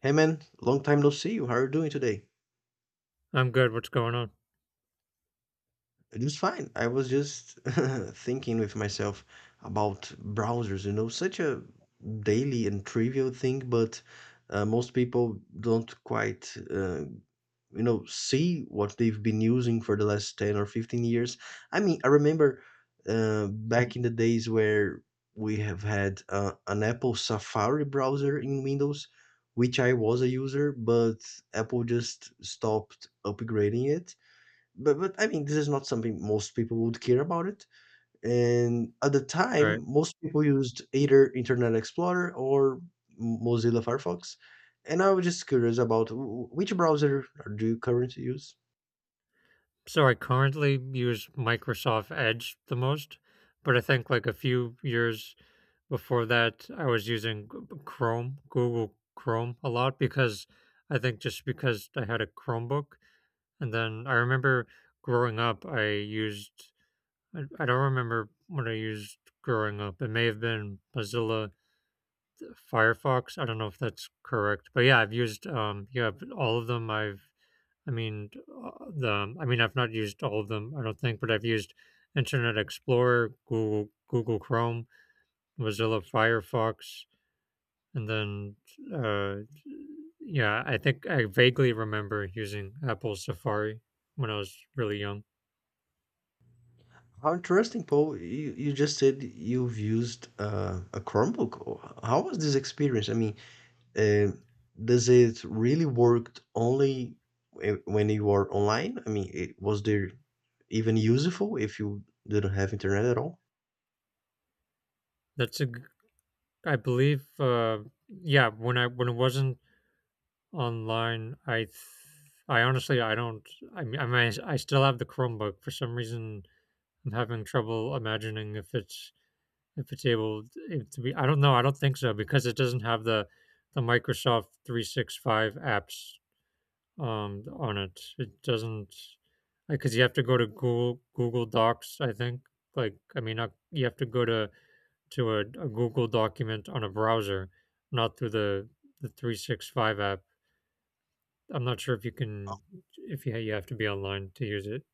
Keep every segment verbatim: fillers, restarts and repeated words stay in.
Hey man, long time no see you. How are you doing today? I'm good. What's going on? It was fine. I was just thinking with myself about browsers, you know, such a daily and trivial thing, but uh, most people don't quite, uh, you know, see what they've been using for the last ten or fifteen years. I mean, I remember uh, Mm. back in the days where we have had uh, an Apple Safari browser in Windows, which I was a user, but Apple just stopped upgrading it but but I mean, this is not something most people would care about it. And at the All time, right. most people used either Internet Explorer or Mozilla Firefox. And I was just curious about wh- which browser do you currently use? So I currently use Microsoft Edge the most, but I think like a few years before that, I was using G- Chrome, Google Chrome a lot because I think just because I had a Chromebook. And then I remember growing up, I used I, I don't remember what I used growing up. It may have been Mozilla Firefox. I don't know if that's correct, but yeah, I've used um yeah but all of them. I've I mean uh, the I mean I've not used all of them. I don't think, but I've used Internet Explorer, Google Google Chrome, Mozilla Firefox, and then uh yeah, I think I vaguely remember using Apple Safari when I was really young. How interesting, Paul. You, you just said you've used uh, a Chromebook. Oh, how was this experience? I mean, um does it really work only whe- when you are online? I mean, it, was there even useful if you didn't have internet at all? That's a g- I believe uh yeah, when I when it wasn't online, I th I honestly I don't I mean, I mean, I still have the Chromebook. For some reason, I'm having trouble imagining if it's if it's able to be I don't know, I don't think so because it doesn't have the the Microsoft three sixty-five apps, um, on it. It doesn't like, because you have to go to Google Google Docs, I think. Like, I mean, not you have to go to to a a Google document on a browser, not through the the three sixty-five app. I'm not sure if you can if you, you have to be online to use it.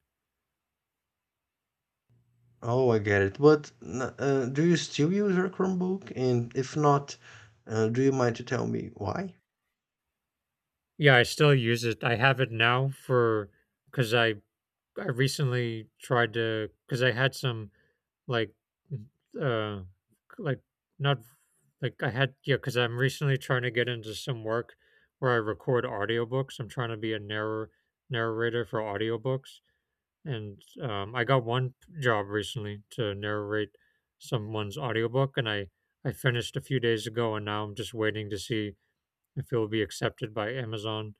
Oh, I get it. But n- uh, do you still use your Chromebook? And if not, uh, do you mind to tell me why? Yeah, I still use it. I have it now for because I I recently tried to because I had some like uh like not like I had yeah because I'm recently trying to get into some work where I record audiobooks. I'm trying to be a narr narrator for audiobooks. And um, I got one job recently to narrate someone's audiobook, and I I finished a few days ago, and now I'm just waiting to see if it will be accepted by Amazon.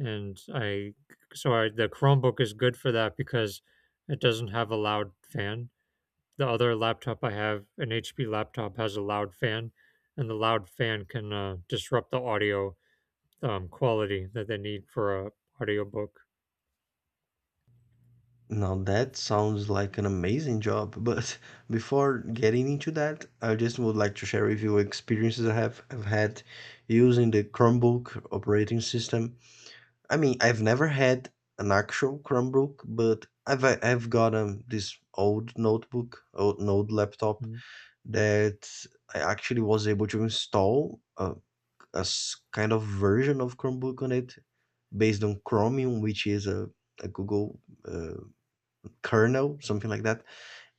And I so I, the Chromebook is good for that because it doesn't have a loud fan. The other laptop I have, an H P laptop, has a loud fan, and the loud fan can uh, disrupt the audio um, quality that they need for a audiobook. Now that sounds like an amazing job, but before getting into that, I just would like to share with you experiences I have have had using the Chromebook operating system. I mean, I've never had an actual Chromebook, but I've I've got um this old notebook, old, an old laptop Mm. that I actually was able to install. Uh, a s- kind of version of Chromebook on it based on Chromium, which is a, a Google uh, kernel, something like that.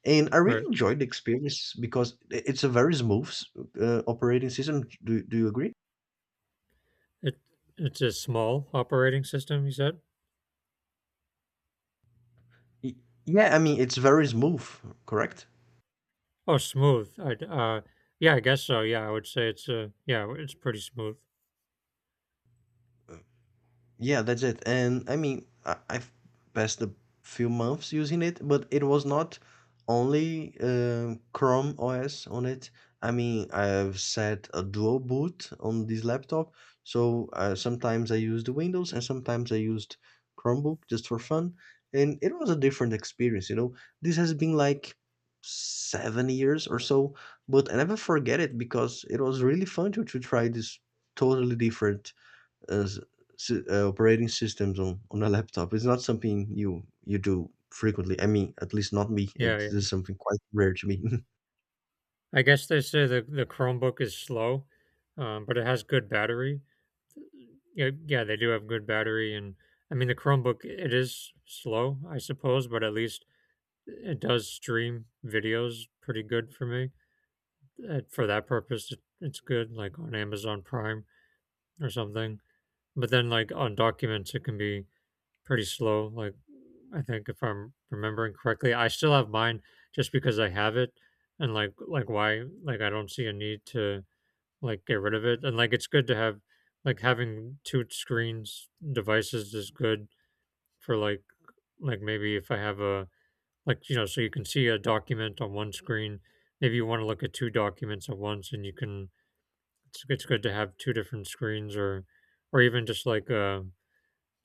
And I really Right. enjoyed the experience because i- it's a very smooth uh, operating system. Do, do you agree? It it's a small operating system, you said. Y- Yeah, I mean, it's very smooth, correct? "Oh, smooth." I uh, yeah, I guess so. Yeah, I would say it's uh, yeah, it's pretty smooth. Yeah, that's it. And I mean, I, I've passed a few months using it, but it was not only um, Chrome O S on it. I mean, I've set a dual boot on this laptop, so uh, sometimes I used Windows and sometimes I used Chromebook just for fun, and it was a different experience. You know, this has been like seven years or so, but I never forget it because it was really fun to to try this totally different uh, s- uh, operating systems on, on a laptop is not something you you do frequently. I mean, at least not me. Yeah, It yeah. is something quite rare to me. I guess they say the the Chromebook is slow, um, but it has good battery. Yeah, yeah, they do have good battery, and I mean the Chromebook, it is slow, I suppose, but at least it does stream videos pretty good for me. Uh, For that purpose, it, it's good, like on Amazon Prime or something. But then, like on documents, it can be pretty slow. Like, I think if I'm remembering correctly, I still have mine just because I have it, and like like why like I don't see a need to like get rid of it. And like it's good to have like having two screens devices is good for like like maybe if I have a like you know so you can see a document on one screen. Maybe you want to look at two documents at once, and you can. It's, it's good to have two different screens, or or even just like uh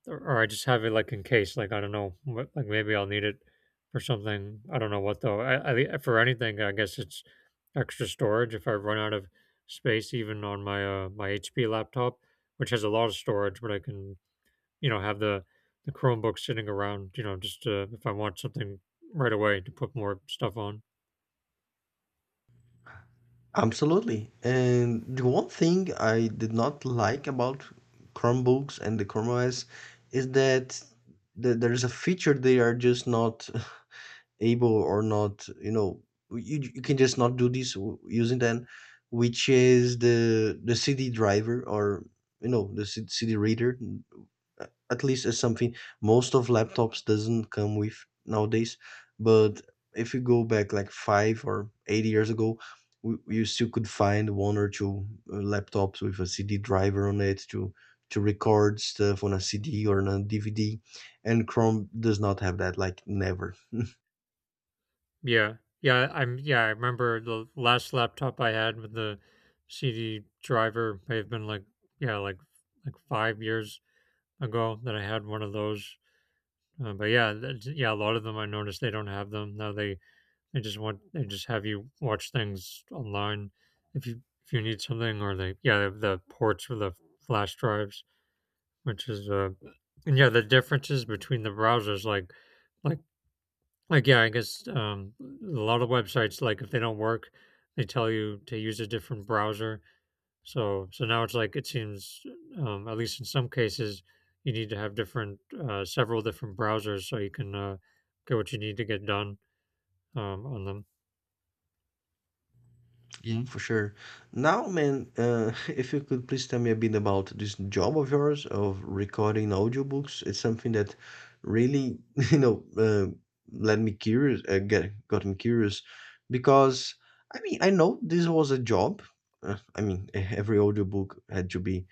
or, or I just have it like in case, like I don't know, what, like maybe I'll need it for something. I don't know what though. I, I thi- for anything, I guess it's extra storage. If I run out of space, even on my uh, my H P laptop, which has a lot of storage, but I can you know have the the Chromebook sitting around, you know, just uh, if I want something right away to put more stuff on. Absolutely. And the one thing I did not like about Chromebooks and the Chrome O S is that th- there is a feature they are just not able or not, you know, you, you can just not do this w- using them, which is the the C D driver or you know the C- CD reader a- at least is something most of laptops doesn't come with nowadays, but if you go back like five or eight years ago, we, you still could find one or two uh, laptops with a C D driver on it to to record stuff on a C D or on a D V D, and chrome does not have that, like never. Yeah, yeah, I'm yeah. I remember the last laptop I had with the C D driver may have been like yeah, like like five years ago that I had one of those. Uh, but yeah, that's, yeah, a lot of them I noticed they don't have them now. They they just want they just have you watch things online if you if you need something or they yeah they have the ports for the flash drives, which is uh and yeah the differences between the browsers like like like yeah I guess um a lot of websites like if they don't work they tell you to use a different browser so so now it's like it seems, um, at least in some cases, you need to have different, uh, several different browsers so you can, uh, get what you need to get done, um, on them. Yeah, for sure. Now, man, uh, if you could please tell me a bit about this job of yours of recording audiobooks, it's something that really, you know, uh, let me curious, uh, get got me curious, because I mean, I know this was a job. Uh, I mean, e- every audiobook had to be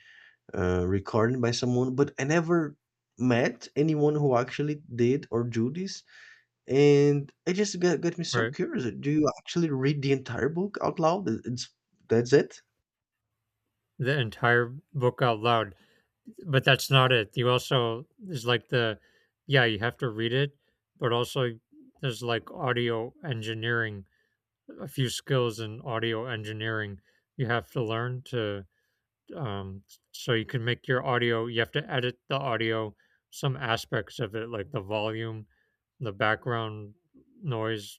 uh, recorded by someone, but I never met anyone who actually did or do this. And it just got got me so Right. curious. Do you actually read the entire book out loud? It- It's that's it? The entire book out loud, but that's not it. You also there's like the yeah, you have to read it, but also there's like audio engineering, a few skills in audio engineering you have to learn to um, so you can make your audio. You have to edit the audio, some aspects of it like the volume, the background noise,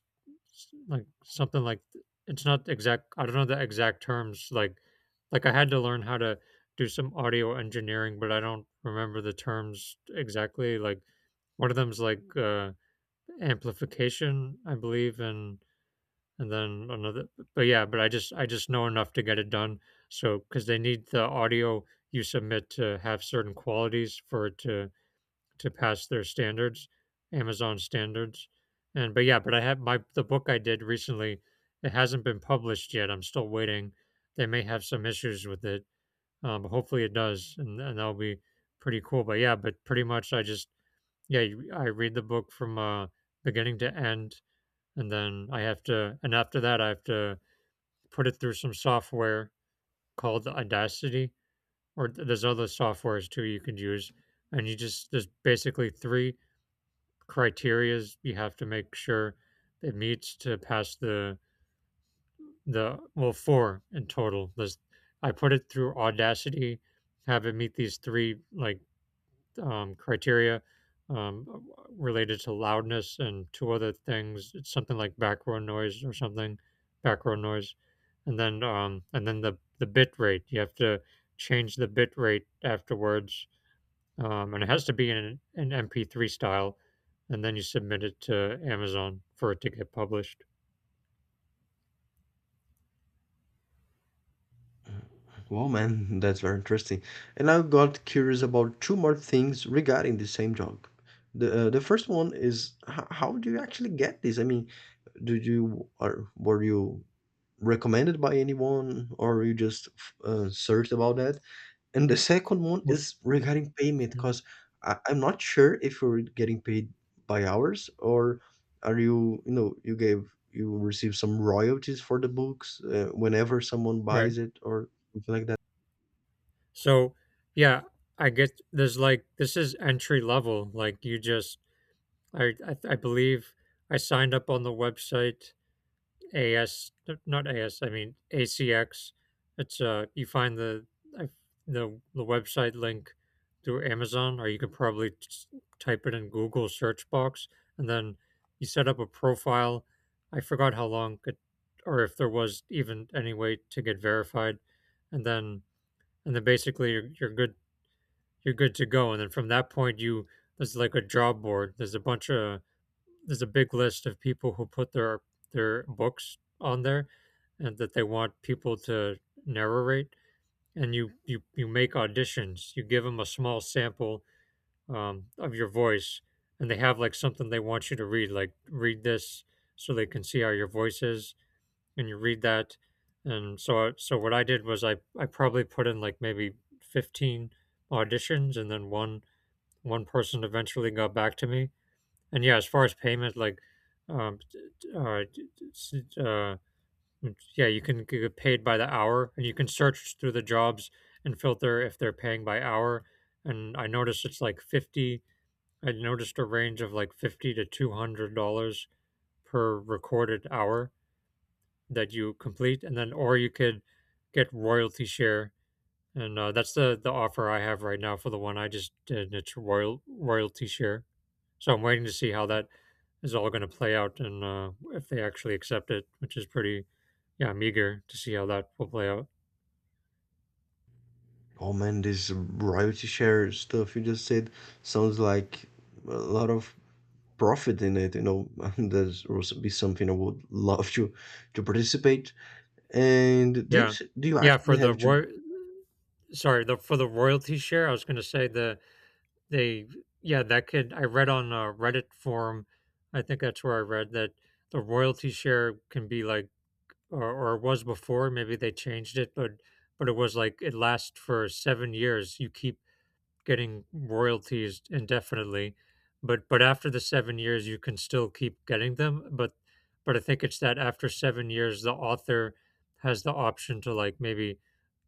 s- like something like it's not exact. I don't know the exact terms, like like I had to learn how to do some audio engineering but I don't remember the terms exactly. Like one of them's like uh amplification I believe, and and then another, but yeah, but I just I just know enough to get it done, so because they need the audio you submit to have certain qualities for it to to pass their standards, Amazon standards. And but yeah, but I have my the book I did recently, it hasn't been published yet, I'm still waiting. They may have some issues with it, um, but hopefully it does, and, and that'll be pretty cool. But yeah, but pretty much I just yeah you- I read the book from uh beginning to end, and then I have to and after that I have to put it through some software called Audacity, or there's other softwares too you can use. And you just, there's basically three criterias you have to make sure it meets to pass the, the, well, four in total. There's, I put it through Audacity, have it meet these three like um, criteria um, uh, related to loudness and two other things. It's something like background noise or something, background noise, and then um, and then the the bit rate. You have to change the bit rate afterwards, um, and it has to be in an M P three style, and then you submit it to Amazon for it to get published. Well, man, that's very interesting. And I got curious about two more things regarding the same job. The uh, the first one is h- how do you actually get this? I mean, did you or were you recommended by anyone, or you just f- uh, searched about that? And the second one Whoop. is regarding payment, Mhm. because I'm not sure if you're getting paid by hours or are you, you know, you gave you receive some royalties for the books uh, whenever someone Right. buys it or something like that. So, yeah, I get there's like this is entry level. Like you just I, I I believe I signed up on the website A S not A S I mean A C X. It's uh you find the I- the the website link through Amazon or you can probably just type it in Google search box and then you set up a profile. I forgot how long it or if there was even any way to get verified, and then and then basically you're, you're good, you're good to go, and then from that point you there's like a job board, there's a bunch of there's a big list of people who put their their books on there and that they want people to narrate, and you you you make auditions, you give them a small sample um, of your voice, and they have like something they want you to read, like read this, so they can see how your voice is, and you read that. And so so what I did was i i probably put in like maybe fifteen auditions, and then one one person eventually got back to me. And yeah, as far as payment, like, um, uh, uh, mm, yeah, you can get paid by the hour, and you can search through the jobs and filter if they're paying by hour. And I noticed it's like fifty. I noticed a range of like fifty to two hundred dollars per recorded hour that you complete, and then or you could get royalty share, and uh, that's the the offer I have right now for the one I just did. It's royal royalty share. So I'm waiting to see how that is all going to play out, and uh, if they actually accept it, which is pretty, yeah, I'm eager to see how that will play out. Oh man, this royalty share stuff you just said sounds like a lot of profit in it. You know, that would be something I would love to to participate. And do you Yeah, s- do you yeah. For actually the have to roy, sorry, the for the royalty share, I was going to say the they, yeah, that could. I read on a Reddit forum, I think that's where I read that the royalty share can be like, or, or it was before. Maybe they changed it, but but it was like it lasts for seven years. You keep getting royalties indefinitely, but but after the seven years, you can still keep getting them. But but I think it's that after seven years, the author has the option to like maybe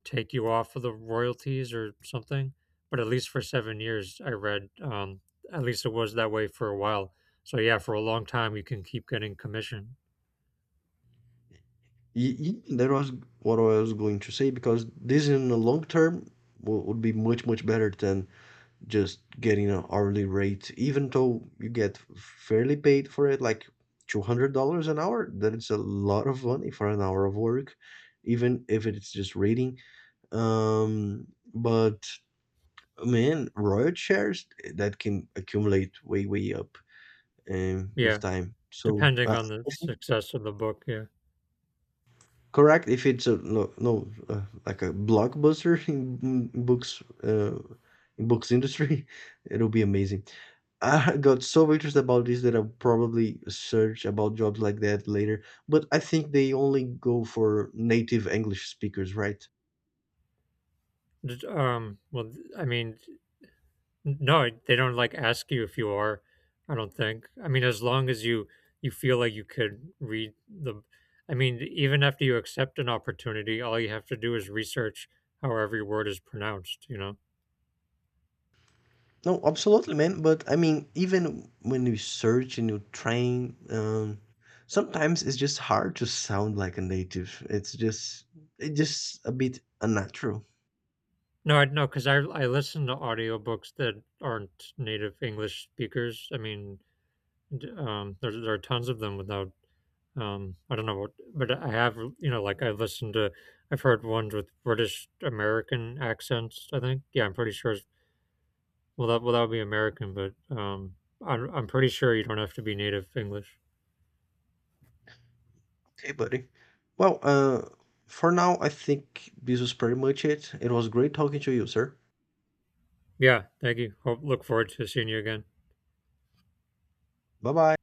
take you off of the royalties or something. But at least for seven years, I read, um, at least it was that way for a while. So yeah, for a long time, you can keep getting commission. Ye- ye- that was what I was going to say because this in the long term wo- would be much much better than just getting an hourly rate. Even though you get fairly paid for it, like two hundred dollars an hour, that is a lot of money for an hour of work, even if it's just reading. Um, but man, royalty shares eh, that can accumulate way way up um, with Yeah, time. So depending uh, on the success of the book. Yeah. correct. If it's a no, no uh, like a blockbuster in, books, uh, in books industry, it'll be amazing. I got so interested about this that I'll probably search about jobs like that later. But I think they only go for native English speakers, right? Did- Um, well, th- I mean, no, they don't, like, ask you if you are, I don't think. I mean, as long as you you feel like you could read the I mean, even after you accept an opportunity, all you have to do is research how every word is pronounced, you know? No, absolutely, man. But I mean, even when you search and you train, um, sometimes it's just hard to sound like a native. It's just it's just a bit unnatural. No, I no, because I I listen to audiobooks that aren't native English speakers. I mean, d um, there there are tons of them without, um, I don't know what, but I have, you know, like, I've listened to I've heard ones with British American accents, I think. Yeah, I'm pretty sure. Well, that well that would be American, but um, I'm I'm pretty sure you don't have to be native English. Hey, buddy. Well, uh, for now, I think this was pretty much it. It was great talking to you, sir. Yeah, thank you. Hope look forward to seeing you again. Bye bye.